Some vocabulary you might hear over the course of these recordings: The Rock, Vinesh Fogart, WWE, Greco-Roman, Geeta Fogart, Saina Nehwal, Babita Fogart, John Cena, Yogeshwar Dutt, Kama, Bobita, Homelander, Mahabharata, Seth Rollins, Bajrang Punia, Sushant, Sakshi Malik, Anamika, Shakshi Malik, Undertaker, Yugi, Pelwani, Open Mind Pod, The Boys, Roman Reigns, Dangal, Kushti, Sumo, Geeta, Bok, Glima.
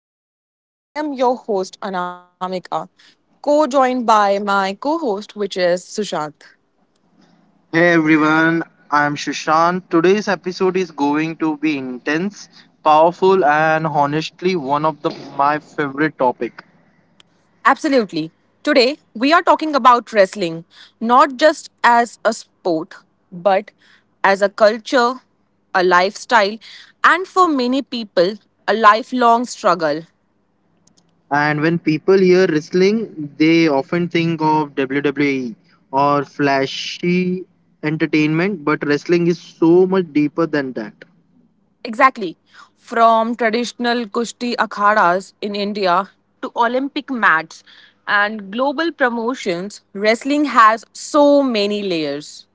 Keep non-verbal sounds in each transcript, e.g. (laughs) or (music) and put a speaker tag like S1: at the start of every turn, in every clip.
S1: the Ring. I am your host, Anamika, co joined by my co host, which is Sushant.
S2: Hey everyone, I'm Shushan. Today's episode is going to be intense, powerful, and honestly one of the my favorite topic.
S1: Absolutely. Today, we are talking about wrestling, not just as a sport, but as a culture, a lifestyle, and for many people, a lifelong struggle.
S2: And when people hear wrestling, they often think of WWE or flashy entertainment, but wrestling is so much deeper than that.
S1: Exactly. From traditional Kushti akhadas in India to Olympic mats and global promotions, wrestling has so many layers.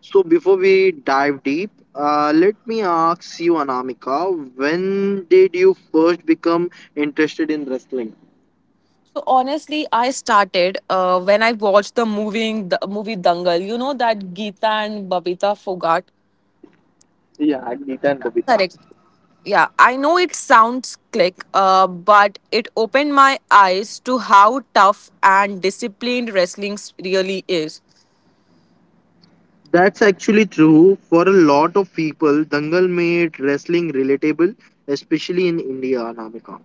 S2: So before we dive deep, let me ask you, Anamika, when did you first become interested in wrestling?
S1: So honestly, I started when I watched the movie Dangal. You know that Geeta and Babita Fogart.
S2: Yeah, Geeta and Bobita.
S1: Correct. Yeah, I know it sounds click, but it opened my eyes to how tough and disciplined wrestling really is.
S2: That's actually true. For a lot of people, Dangal made wrestling relatable, especially in India, Anamika.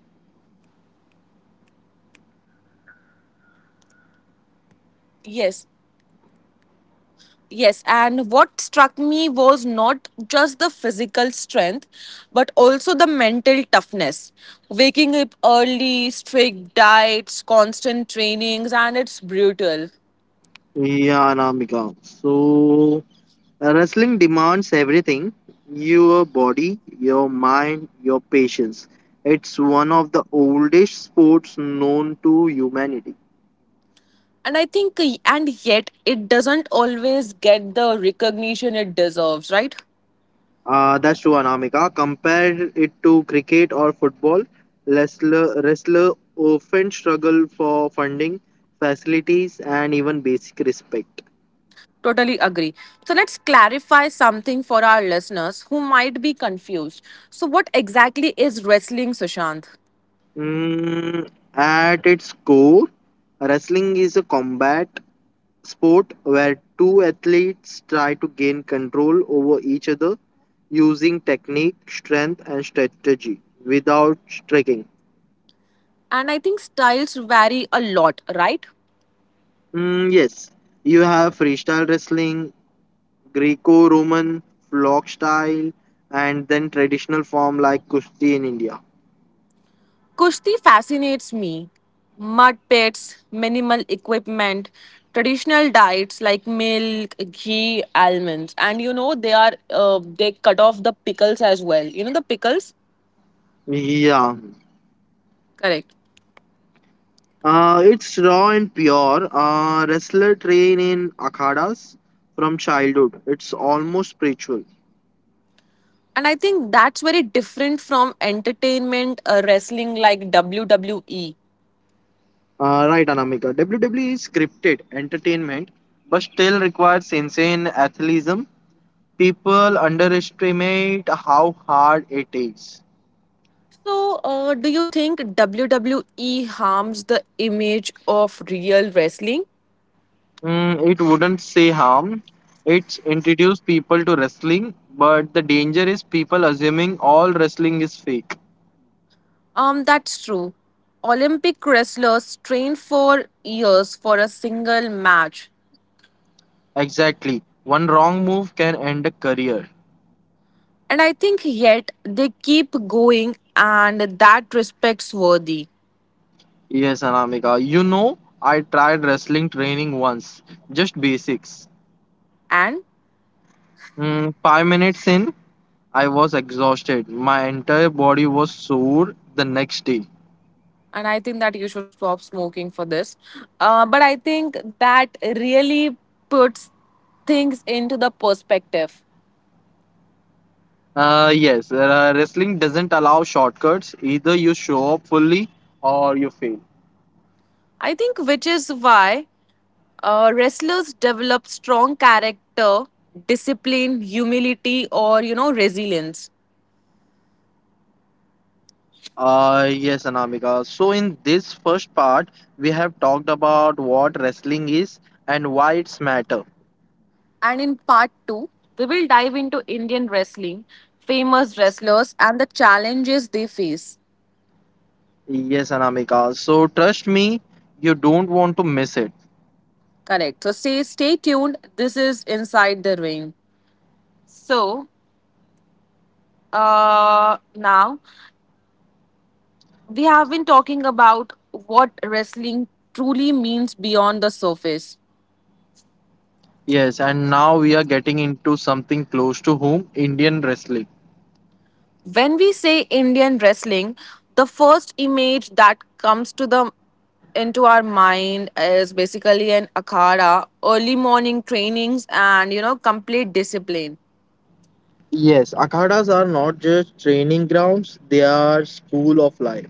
S1: Yes, Yes, and what struck me was not just the physical strength, but also the mental toughness. Waking up early, strict diets, constant trainings, and it's brutal.
S2: Yeah, Anamika. So, wrestling demands everything, your body, your mind, your patience. It's one of the oldest sports known to humanity.
S1: And I think, and yet, it doesn't always get the recognition it deserves, right?
S2: That's true, Anamika. Compare it to cricket or football. Wrestler often struggle for funding, facilities, and even basic respect.
S1: Totally agree. So let's clarify something for our listeners who might be confused. So, what exactly is wrestling, Sushant?
S2: Mm, at its core, wrestling is a combat sport where two athletes try to gain control over each other using technique, strength, and strategy without striking.
S1: And I think styles vary a lot, right?
S2: Mm, yes, you have freestyle wrestling, Greco-Roman, flock style, and then traditional form like Kushti in India.
S1: Kushti fascinates me. Mud pits, minimal equipment, traditional diets like milk, ghee, almonds, and you know they are they cut off the pickles as well. You know the pickles,
S2: Yeah,
S1: correct?
S2: it's raw and pure. Wrestler train in akhadas from childhood. It's almost spiritual.
S1: And I think that's very different from entertainment wrestling like WWE.
S2: Right, Anamika. WWE is scripted entertainment, but still requires insane athleticism. People underestimate how hard it is.
S1: So, do you think WWE harms the image of real wrestling?
S2: It wouldn't say harm. It's introduced people to wrestling, but the danger is people assuming all wrestling is fake.
S1: That's true. Olympic wrestlers train for years for a single match.
S2: Exactly. One wrong move can end a career.
S1: And I think yet they keep going and that respects worthy.
S2: Yes, Anamika. I tried wrestling training once, just basics.
S1: And
S2: 5 minutes in, I was exhausted. My entire body was sore the next day.
S1: and I think that you should stop smoking for this. But I think that really puts things into the perspective.
S2: Yes, wrestling doesn't allow shortcuts. Either you show up fully or you fail.
S1: I think which is why wrestlers develop strong character, discipline, humility, or resilience.
S2: Yes, Anamika. So, in this first part, we have talked about what wrestling is and why it's matter.
S1: And in part two, we will dive into Indian wrestling, famous wrestlers, and the challenges they face.
S2: Yes, Anamika. So, trust me, you don't want to miss it.
S1: Correct. So stay tuned. This is Inside the Ring. So now we have been talking about what wrestling truly means beyond the surface.
S2: Yes, and now we are getting into something close to home, Indian wrestling.
S1: When we say Indian wrestling, the first image that comes to the into our mind is basically an akhara, early morning trainings, and you know complete discipline.
S2: Yes, akhadas are not just training grounds, they are school of life.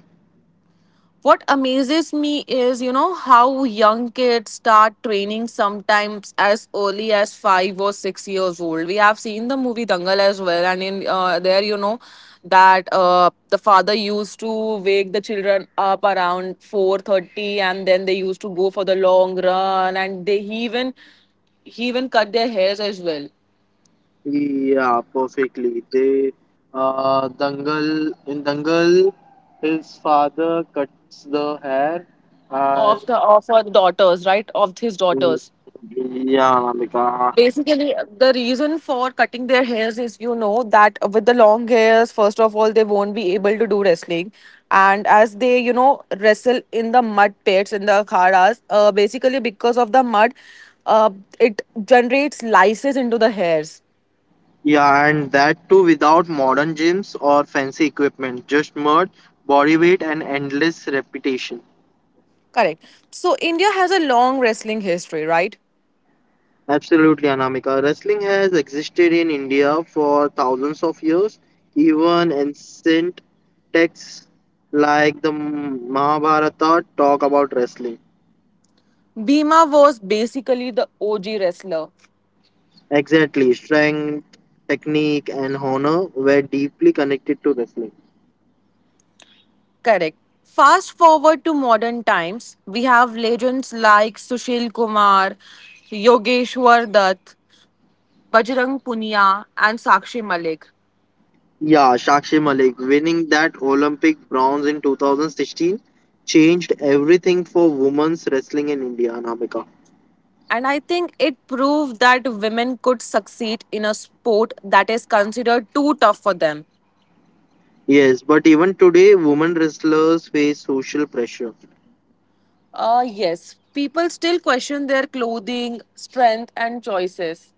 S1: What amazes me is you know how young kids start training sometimes as early as 5 or 6 years old. We have seen the movie Dangal as well, and in there you know that the father used to wake the children up around 4:30, and then they used to go for the long run, and they he even cut their hairs as well.
S2: Yeah, perfectly. They, Dangal in Dangal, his father cuts the hair, and
S1: Of the of his daughters.
S2: yeah, Anamika.
S1: Basically the reason for cutting their hairs is you know that with the long hairs, first of all, they won't be able to do wrestling, and as they you know wrestle in the mud pits in the kharas, basically because of the mud, uh, it generates lices into the hairs.
S2: Yeah, and that too without modern gyms or fancy equipment, just mud, body weight, and endless repetition.
S1: Correct. So India has a long wrestling history, right?
S2: Absolutely, Anamika. Wrestling has existed in India for thousands of years. Even ancient texts like the Mahabharata talk about wrestling.
S1: Bhima was basically the og wrestler.
S2: Exactly. Strength, technique, and honor were deeply connected to wrestling.
S1: Correct. Fast forward to modern times, we have legends like Sushil Kumar, Yogeshwar Dutt, Bajrang Punia, and Sakshi Malik.
S2: Yeah, Shakshi Malik winning that Olympic bronze in 2016 changed everything for women's wrestling in India, Anamika.
S1: And I think it proved that women could succeed in a sport that is considered too tough for them.
S2: Yes, but even today, women wrestlers face social pressure,
S1: Yes, people still question their clothing, strength, and choices.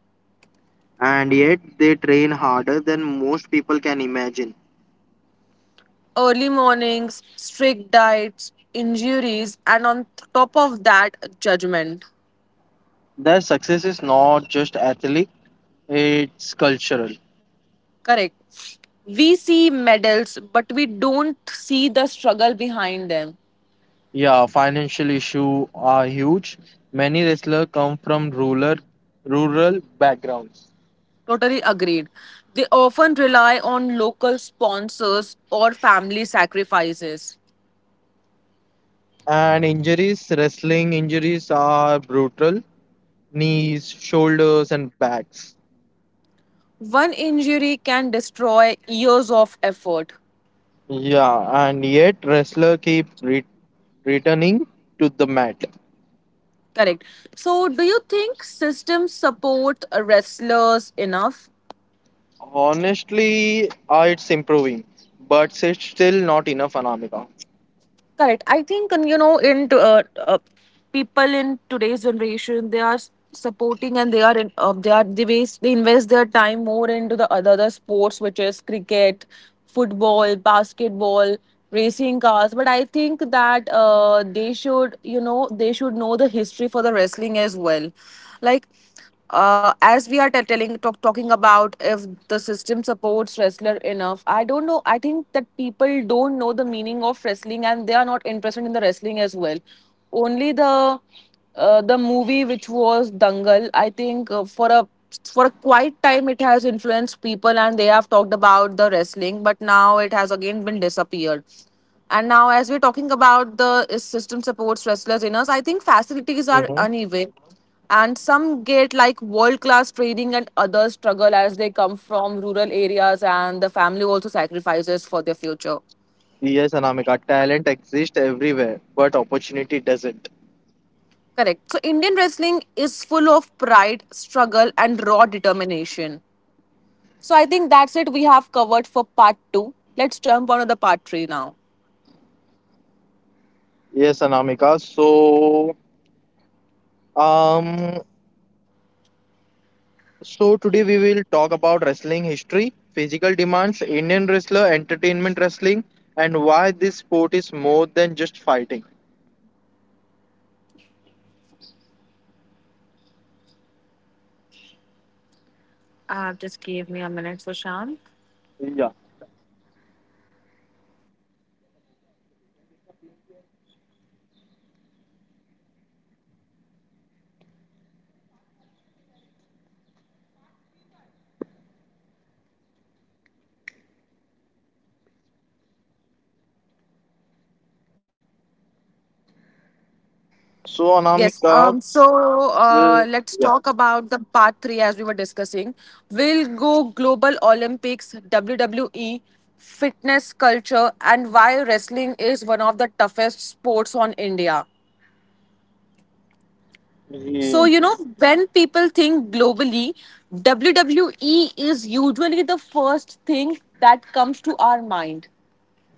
S2: and yet they train harder than most people can imagine.
S1: Early mornings, strict diets, injuries, and on top of that, judgment.
S2: Their success is not just athletic, it's cultural.
S1: Correct. We see medals, but we don't see the struggle behind them.
S2: Yeah, financial issues are huge. Many wrestlers come from rural backgrounds.
S1: Totally agreed. They often rely on local sponsors or family sacrifices.
S2: And injuries, wrestling injuries are brutal. Knees, shoulders and backs.
S1: One injury can destroy years of effort.
S2: Yeah, and yet wrestler keep returning to the mat.
S1: Correct. So, do you think systems support wrestlers enough?
S2: Honestly, it's improving, but it's still not enough, Anamika.
S1: Correct. I think, and, you know, people in today's generation, they are supporting, and they are in, they are they waste they invest their time more into the other sports, which is cricket, football, basketball, racing cars. But I think that they should, you know, they should know the history for the wrestling as well. Like as we are talking about if the system supports wrestler enough, I don't know. I think that people don't know the meaning of wrestling and they are not interested in the wrestling as well. Only the movie which was Dangal, I think for a quite time it has influenced people and they have talked about the wrestling, but now it has again been disappeared. And now, as we're talking about the is system supports wrestlers in us, I think facilities are
S2: Hmm.
S1: uneven, and some get like world class training and others struggle as they come from rural areas, and the family also sacrifices for their future.
S2: Yes, Anamika, talent exists everywhere, but opportunity doesn't.
S1: Correct. So Indian wrestling is full of pride, struggle, and raw determination. So I think that's it, we have covered for part 2. Let's jump on to the part 3 now.
S2: Yes, Anamika. Um, so today we will talk about wrestling history, physical demands, Indian wrestler, entertainment wrestling, and why this sport is more than just fighting.
S1: Just give me a minute, Sushant.
S2: Yeah. So,
S1: Yes.
S2: Anamika,
S1: So
S2: uh,
S1: let's
S2: yeah,
S1: talk about the part three as we were discussing. We will go global Olympics, WWE, fitness culture, and why wrestling is one of the toughest sports on India. So
S2: yeah.
S1: you know when people think globally, WWE is usually the first thing that comes to our mind.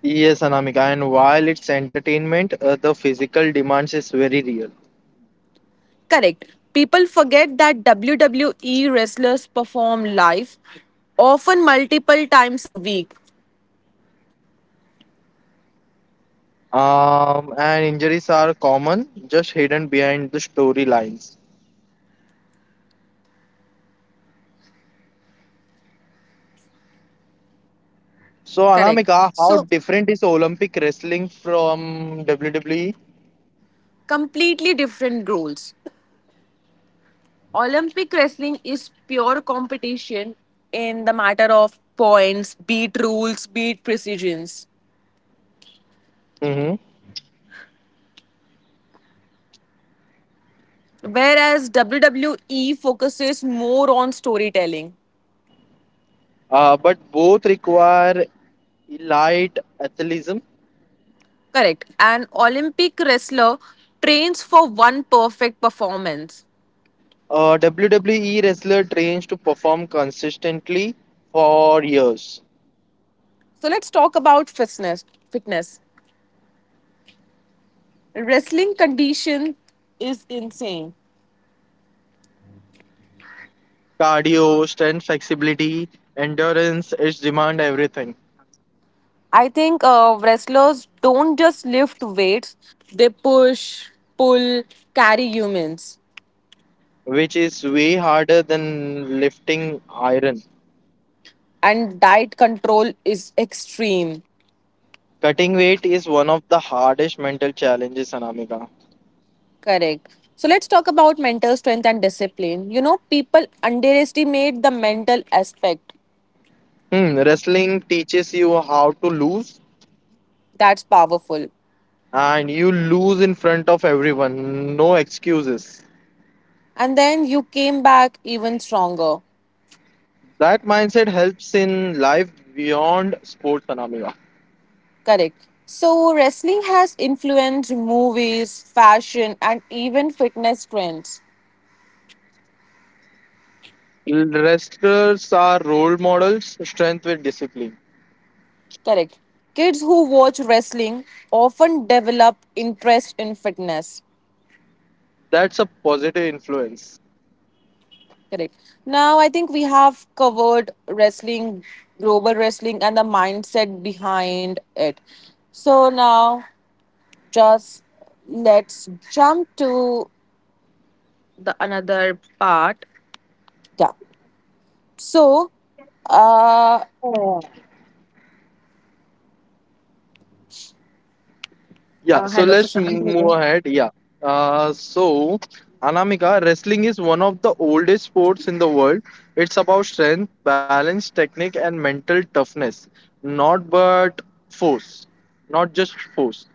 S2: Yes, Anamika, and while it's entertainment, the physical demands is very real.
S1: Correct. People forget that WWE wrestlers perform live, often multiple times a week.
S2: And injuries are common, just hidden behind the storylines. So,
S1: Correct.
S2: Anamika, how
S1: So,
S2: different is Olympic wrestling from WWE?
S1: completely different roles. Olympic wrestling is pure competition in the matter of points, beat rules, beat precisions.
S2: Hmm.
S1: Whereas WWE focuses more on storytelling.
S2: But both require elite athleticism.
S1: Correct. An Olympic wrestler trains for one perfect performance.
S2: WWE wrestler trains to perform consistently for years.
S1: So let's talk about fitness. Fitness. Wrestling condition is insane.
S2: Cardio, strength, flexibility, endurance, it's demand everything,
S1: I think wrestlers don't just lift weights, they push, pull, carry humans.
S2: which is way harder than lifting iron.
S1: And diet control is extreme.
S2: Cutting weight is one of the hardest mental challenges, Anamika.
S1: Correct. So let's talk about mental strength and discipline. You know, people underestimate the mental aspect.
S2: Wrestling teaches you how to lose,
S1: That's powerful.
S2: and you lose in front of everyone. No excuses.
S1: And then you came back even stronger.
S2: That mindset helps in life beyond sports, Anamika.
S1: Correct. So wrestling has influenced movies, fashion, and even fitness trends.
S2: Wrestlers are role models, strength with discipline.
S1: Correct. Kids who watch wrestling often develop interest in fitness.
S2: That's a positive influence.
S1: Correct. Now, I think we have covered wrestling, global wrestling, and the mindset behind it. So now, just let's jump to the another part. Yeah. So, uh,
S2: Yeah, so
S1: hello,
S2: let's
S1: Sushant.
S2: move ahead. Yeah. So, Anamika, wrestling is one of the oldest sports in the world. It's about strength, balance, technique, and mental toughness, not but force, not just force.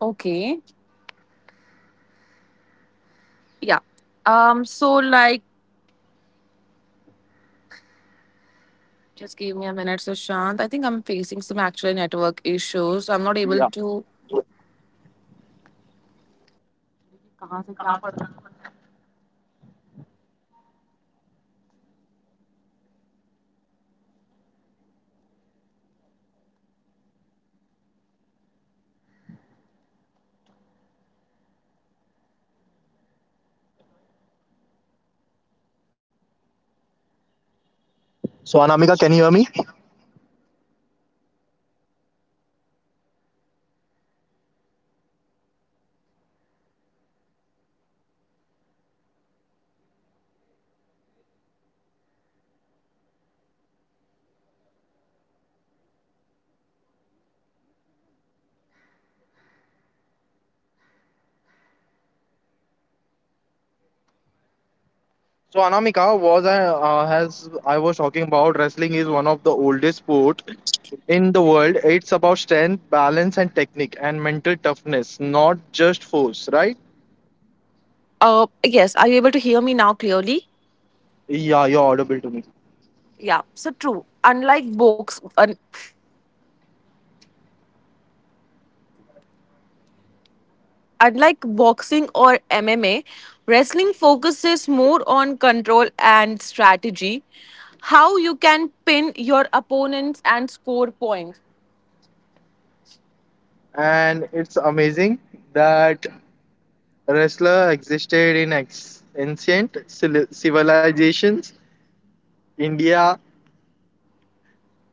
S1: Okay. Yeah. So, like, just give me a minute, Sushant. I think I'm facing some actual network issues. I'm not able
S2: Yeah.
S1: to.
S2: So, Anamika, can you hear me? So, Anamika, was as I was talking about, wrestling is one of the oldest sport in the world. It's about strength, balance, and technique, and mental toughness, not just force, right?
S1: Yes. Are you able to hear me now clearly?
S2: Yeah, you're audible to me.
S1: Yeah. So true. Unlike boxing or MMA, wrestling focuses more on control and strategy. How you can pin your opponents and score points.
S2: And it's amazing that wrestler existed in ancient civilizations, India,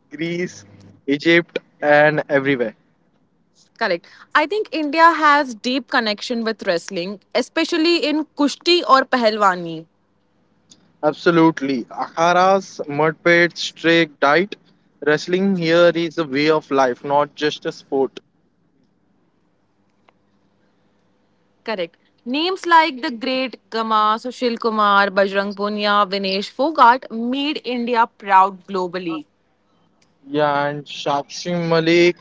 S2: Greece, Egypt, and everywhere.
S1: Correct. I think India has deep connection with wrestling, especially in kushti or pahalwani.
S2: Absolutely. Akharas, mud pits, streak diet. Wrestling here is a way of life, not just a sport.
S1: Correct. Names like the great Kama, Sushil Kumar, Bajrang Punia, Vinesh Fogart made India proud globally.
S2: Yeah, and Shakshi Malik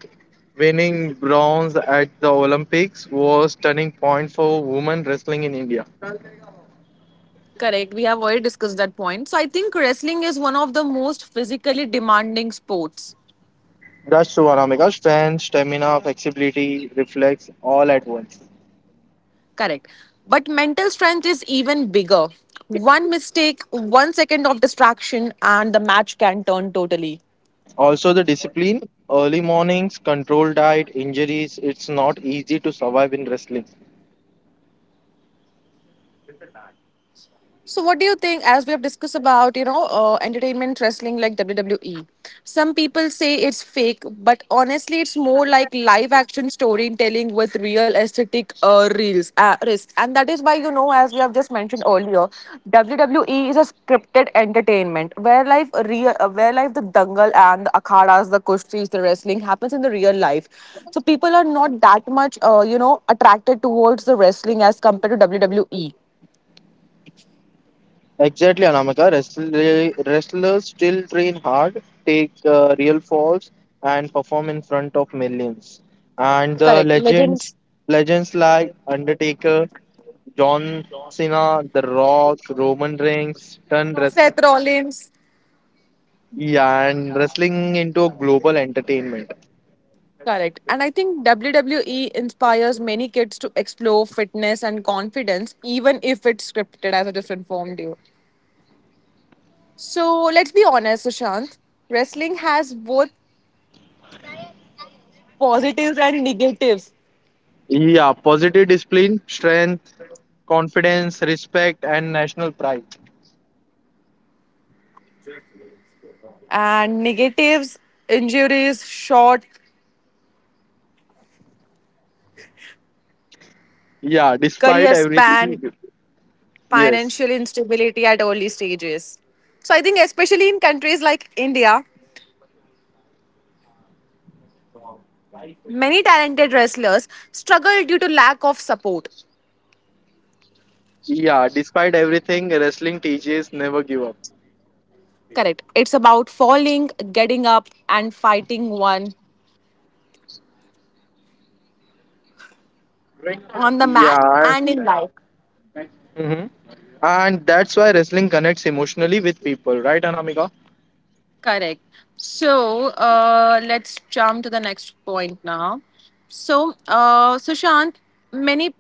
S2: winning bronze at the Olympics was turning point for women wrestling in India.
S1: Correct. We have already discussed that point. So I think wrestling is one of the most physically demanding sports.
S2: That's true, Anamika. Strength, stamina, flexibility, reflex, all at once.
S1: Correct. But mental strength is even bigger. One mistake, 1 second of distraction, and the match can turn totally.
S2: Also, the discipline, early mornings, controlled diet, injuries. It's not easy to survive in wrestling.
S1: So, what do you think? As we have discussed about, you know, entertainment wrestling like WWE, some people say it's fake, but honestly, it's more like live action storytelling with real aesthetic reels risk. And that is why, you know, as we have just mentioned earlier, WWE is a scripted entertainment where life the Dangal and the akhadas, the kushtis, the wrestling happens in the real life. So people are not that much, you know, attracted towards the wrestling as compared to WWE.
S2: Exactly, Anamika. Wrestlers still train hard, take real falls, and perform in front of millions. And the
S1: Correct.
S2: legends,
S1: Legends.
S2: legends like Undertaker, John Cena, The Rock, Roman Reigns, turn wrestlers.
S1: Seth Rollins.
S2: Yeah, and wrestling into a global entertainment.
S1: Correct. And I think WWE inspires many kids to explore fitness and confidence, even if it's scripted, as I just informed you. So let's be honest, Sushant. Wrestling has both positives and negatives.
S2: Yeah, positive discipline, strength, confidence, respect, and national pride.
S1: And negatives, injuries, short
S2: Yeah, despite
S1: career span,
S2: everything. Yes.
S1: financial instability at early stages. So I think especially in countries like India, many talented wrestlers struggle due to lack of support.
S2: Yeah, despite everything, wrestling teaches never give up.
S1: Correct. It's about falling, getting up, and fighting one on the mat
S2: Yeah.
S1: and in life.
S2: Hmm. And that's why wrestling connects emotionally with people, right, Anamika?
S1: Correct. So let's jump to the next point now. So, Sushant, many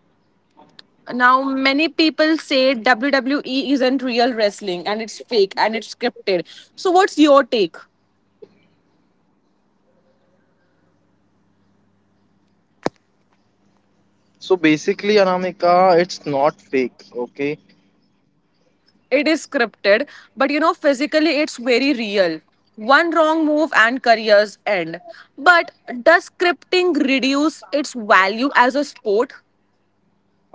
S1: many people say WWE isn't real wrestling and it's fake and it's scripted. So, what's your take?
S2: So basically, Anamika, it's not fake, okay?
S1: It is scripted, but you know, physically it's very real. One wrong move and careers end. But does scripting reduce its value as a sport?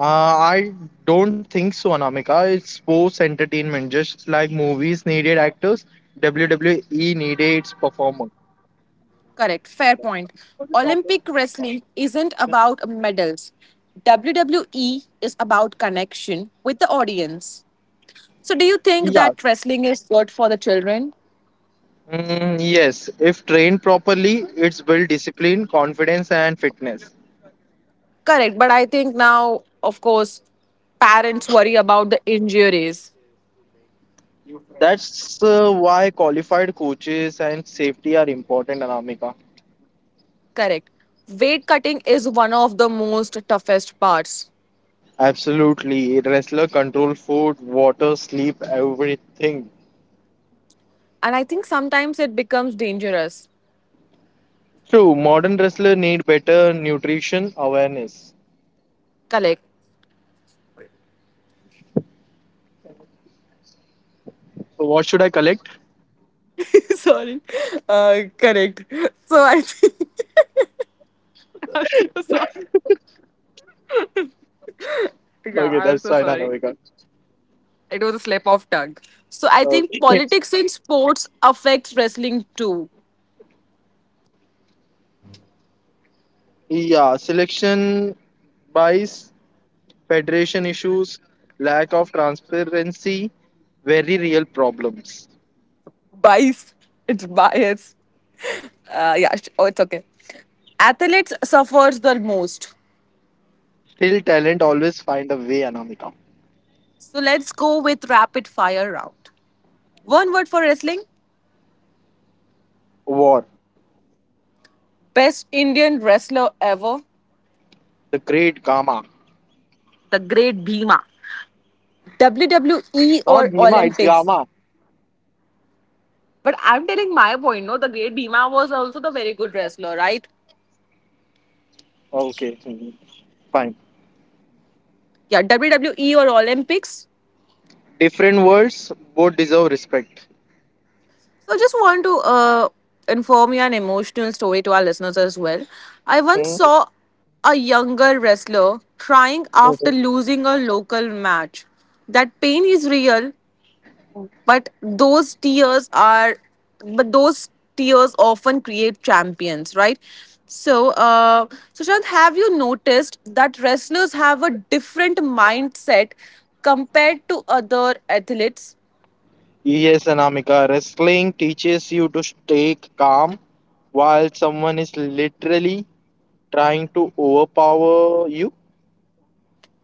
S2: I don't think so, Anamika. It's sports entertainment. Just like movies needed actors, WWE needed its performer.
S1: Correct, fair point. Olympic wrestling isn't about medals. WWE is about connection with the audience. So, do you think
S2: Yeah.
S1: that wrestling is good for the children?
S2: Mm, yes, if trained properly, it's build discipline, confidence, and fitness.
S1: Correct, but I think now, of course, parents worry about the injuries.
S2: That's why qualified coaches and safety are important, Anamika.
S1: Correct. Weight cutting is one of the most toughest parts.
S2: Absolutely. Wrestler control food, water, sleep, everything.
S1: And I think sometimes it becomes dangerous.
S2: True, modern wrestler need better nutrition awareness.
S1: Correct.
S2: So what should I collect?
S1: (laughs) Sorry. Correct. So I think (laughs) I'm so sorry. Yeah,
S2: Okay,
S1: I'm
S2: that's
S1: so
S2: Saina
S1: sorry.
S2: Nehwal.
S1: It was a slip of tongue. So I
S2: Uh,
S1: think
S2: Yes.
S1: politics in sports affects wrestling too.
S2: Yeah, selection bias, federation issues, lack of transparency, very real problems.
S1: Bias. It's bias. Oh, it's okay. Athletes suffers the most.
S2: Still, talent always find a way, Anamika.
S1: So let's go with rapid fire round. One word for wrestling?
S2: War.
S1: Best Indian wrestler ever?
S2: The great gamma.
S1: The great Bhima. WWE
S2: Not
S1: or
S2: gamma, it's
S1: Olympics?
S2: gamma.
S1: But I'm telling my point, no, the great Bhima was also the very good wrestler, right?
S2: Okay, fine.
S1: Yeah, WWE or Olympics?
S2: Different words, both deserve respect.
S1: So just want to inform you an emotional story to our listeners as well. I once
S2: Hmm.
S1: saw a younger wrestler crying after
S2: Mhm.
S1: losing a local match. That pain is real, But those tears are, but those tears often create champions, right? So, Sushant, have you noticed that wrestlers have a different mindset compared to other athletes?
S2: Yes, Anamika, wrestling teaches you to stay calm while someone is literally trying to overpower you.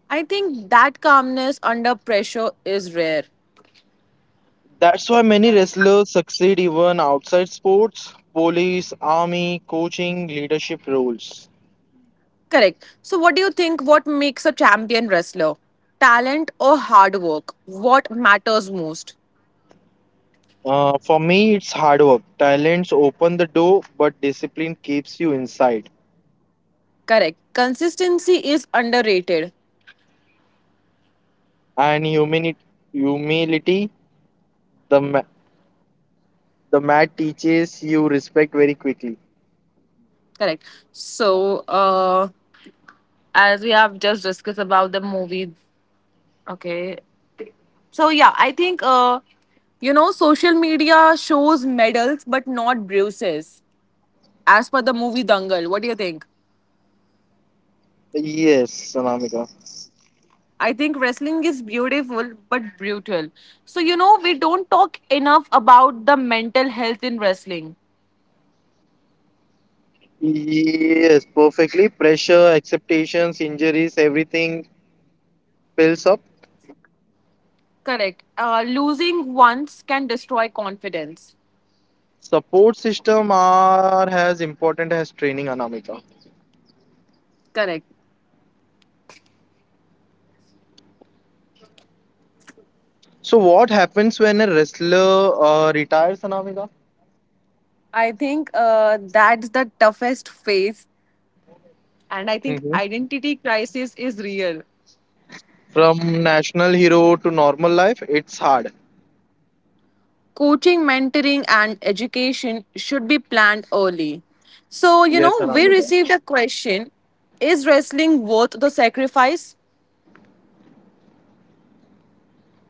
S1: I think that calmness under pressure is rare.
S2: That's why many wrestlers succeed even outside sports, police, army, coaching, leadership roles.
S1: Correct. So, what do you think? What makes a champion wrestler? Talent or hard work? What matters most?
S2: For me, it's hard work. Talents open the door, but discipline keeps you inside.
S1: Correct. Consistency is underrated.
S2: And humility, the the mat teaches you respect very quickly.
S1: Correct. So, as we have just discussed about the movies. Okay. So yeah, I think you know social media shows medals but not bruises. As per the movie Dangal, what do you think?
S2: Yes, Sanamika.
S1: I think wrestling is beautiful but brutal. So you know we don't talk enough about the mental health in wrestling.
S2: Yes, perfectly. Pressure, acceptations, injuries, everything builds up.
S1: Correct. Losing once can destroy confidence.
S2: Support system are as important as training, Anamika.
S1: Correct.
S2: So what happens when a wrestler retires, Anamika?
S1: I think that's the toughest phase, and I think
S2: Mhm.
S1: identity crisis is real.
S2: From national hero to normal life, it's hard.
S1: Coaching, mentoring, and education should be planned early. So, you
S2: Yes,
S1: know, we
S2: Anamika.
S1: received a question. Is wrestling worth the sacrifice?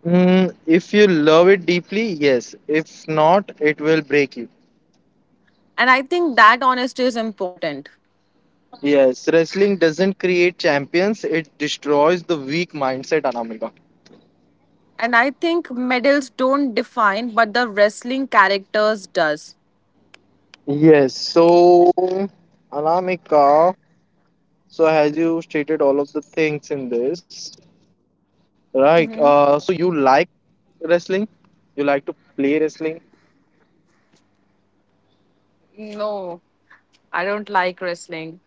S2: If you love it deeply, yes. If not, it will break you.
S1: And I think that honesty is important.
S2: Yes, wrestling doesn't create champions, it destroys the weak mindset, Anamika.
S1: And I think medals don't define, but the wrestling characters does.
S2: Yes, so Anamika, so as you stated all of the things in this, right. So you like wrestling? You like to play wrestling?
S1: No, I don't like wrestling.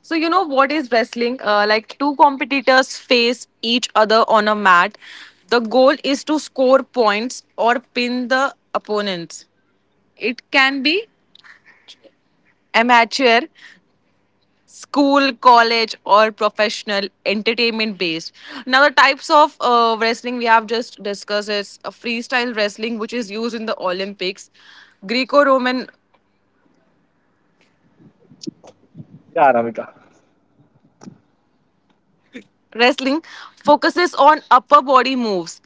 S1: So, you know what is wrestling? Like two competitors face each other on a mat. The goal is to score points or pin the opponents. It can be amateur, school, college, or professional, entertainment based. Now, the types of wrestling we have just discussed is a freestyle wrestling, which is used in the Olympics, Greco Roman
S2: Yeah, Ramika.
S1: Wrestling focuses on upper body moves.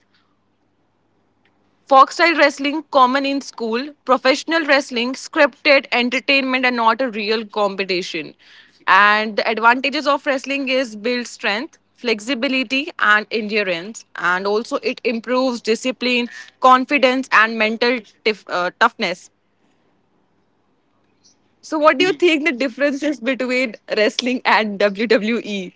S1: Foxstyle wrestling, common in school, professional wrestling, scripted entertainment, and not a real competition. And the advantages of wrestling is build strength, flexibility, and endurance. And also, it improves discipline, confidence, and toughness. So,
S2: E.
S1: what do you think the difference is between wrestling and WWE?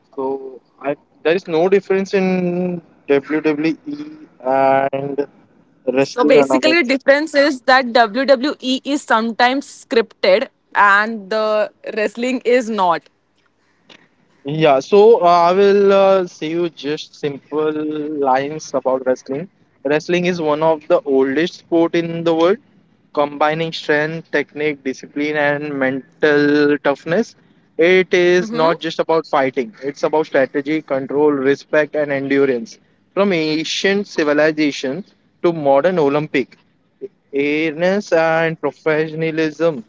S2: So I there is no difference in WWE and
S1: So
S2: wrestling and
S1: basically, the
S2: amateur.
S1: difference is that WWE is sometimes scripted and the wrestling is not.
S2: Yeah, so I will say you just simple lines about wrestling. Wrestling is one of the oldest sport in the world, combining strength, technique, discipline, and mental toughness. It is not just about fighting; it's about strategy, control, respect, and endurance. From ancient civilization to modern Olympic, awareness and professionalism,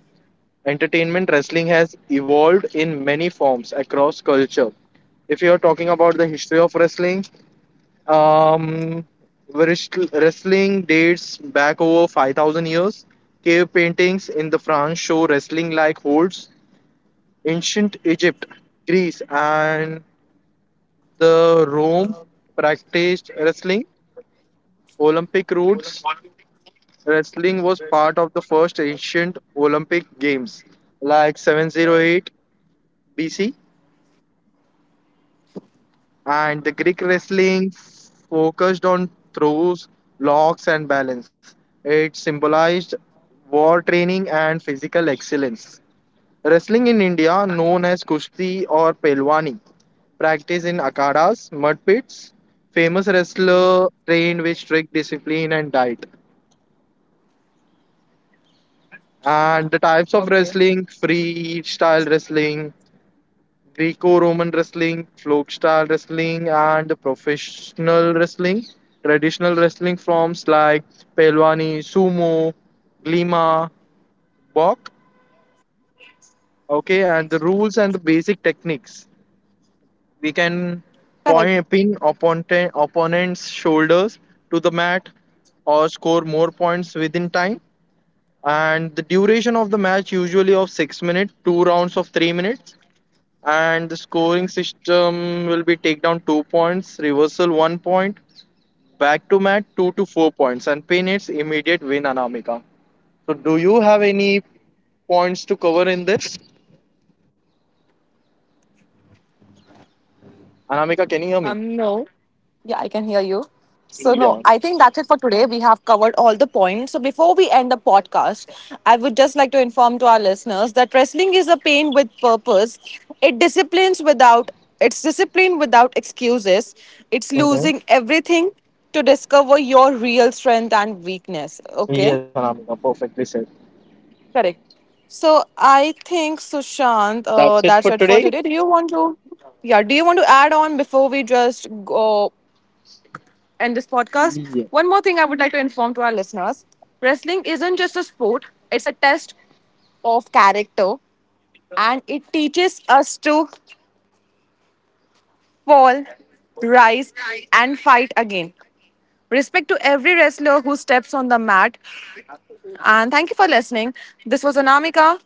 S2: entertainment wrestling has evolved in many forms across culture. If you're talking about the history of wrestling, um wrestling dates back over 5,000 years. Cave paintings in the France show wrestling like holds. Ancient Egypt, Greece, and the Rome practiced wrestling. Olympic roots: wrestling was part of the first ancient Olympic games, like 708 BC. And the Greek wrestling focused on throws, locks, and balance. It symbolized war training and physical excellence. Wrestling in India, known as Kushti or Pelwani, practiced in akadas, mud pits. Famous wrestler trained with strict discipline and diet. And the types of
S1: Okay.
S2: wrestling: freestyle wrestling, Greco-Roman wrestling, folk style wrestling, and professional wrestling. Traditional wrestling forms like Pelwani, Sumo, Glima, Bok. Okay, and the rules and the basic techniques. We can point, pin opponent's shoulders to the mat or score more points within time. And the duration of the match usually of 6 minutes, two rounds of 3 minutes. And the scoring system will be take down 2 points, reversal 1 point, back to mat 2 to 4 points, and pin its immediate win, Anamika. So do you have any points to cover in this? Anamika, can you hear me?
S1: No. Yeah, I can hear you. So no,
S2: Yeah.
S1: I think that's it for today. We have covered all the points. So before we end the podcast, I would just like to inform to our listeners that wrestling is a pain with purpose. It disciplines without it's discipline without excuses. It's
S2: Mhm.
S1: losing everything to discover your real strength and weakness. Okay.
S2: Yes, Anamika, perfectly said.
S1: Correct. So I think Sushant,
S2: That's it for
S1: that's it for
S2: today.
S1: today. Do you want to, yeah? Do you want to add on before we just go end this podcast?
S2: Yeah.
S1: One more thing I would like to inform to our listeners: wrestling isn't just a sport; it's a test of character, and it teaches us to fall, rise, and fight again. Respect to every wrestler who steps on the mat. And thank you for listening. This was Anamika,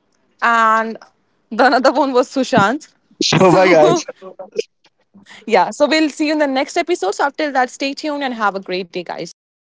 S1: and the another one was Sushant.
S2: So (laughs) bye
S1: So,
S2: guys.
S1: (laughs) yeah, so we'll see you in the next episode. So, up till that, stay tuned and have a great day, guys. Bye.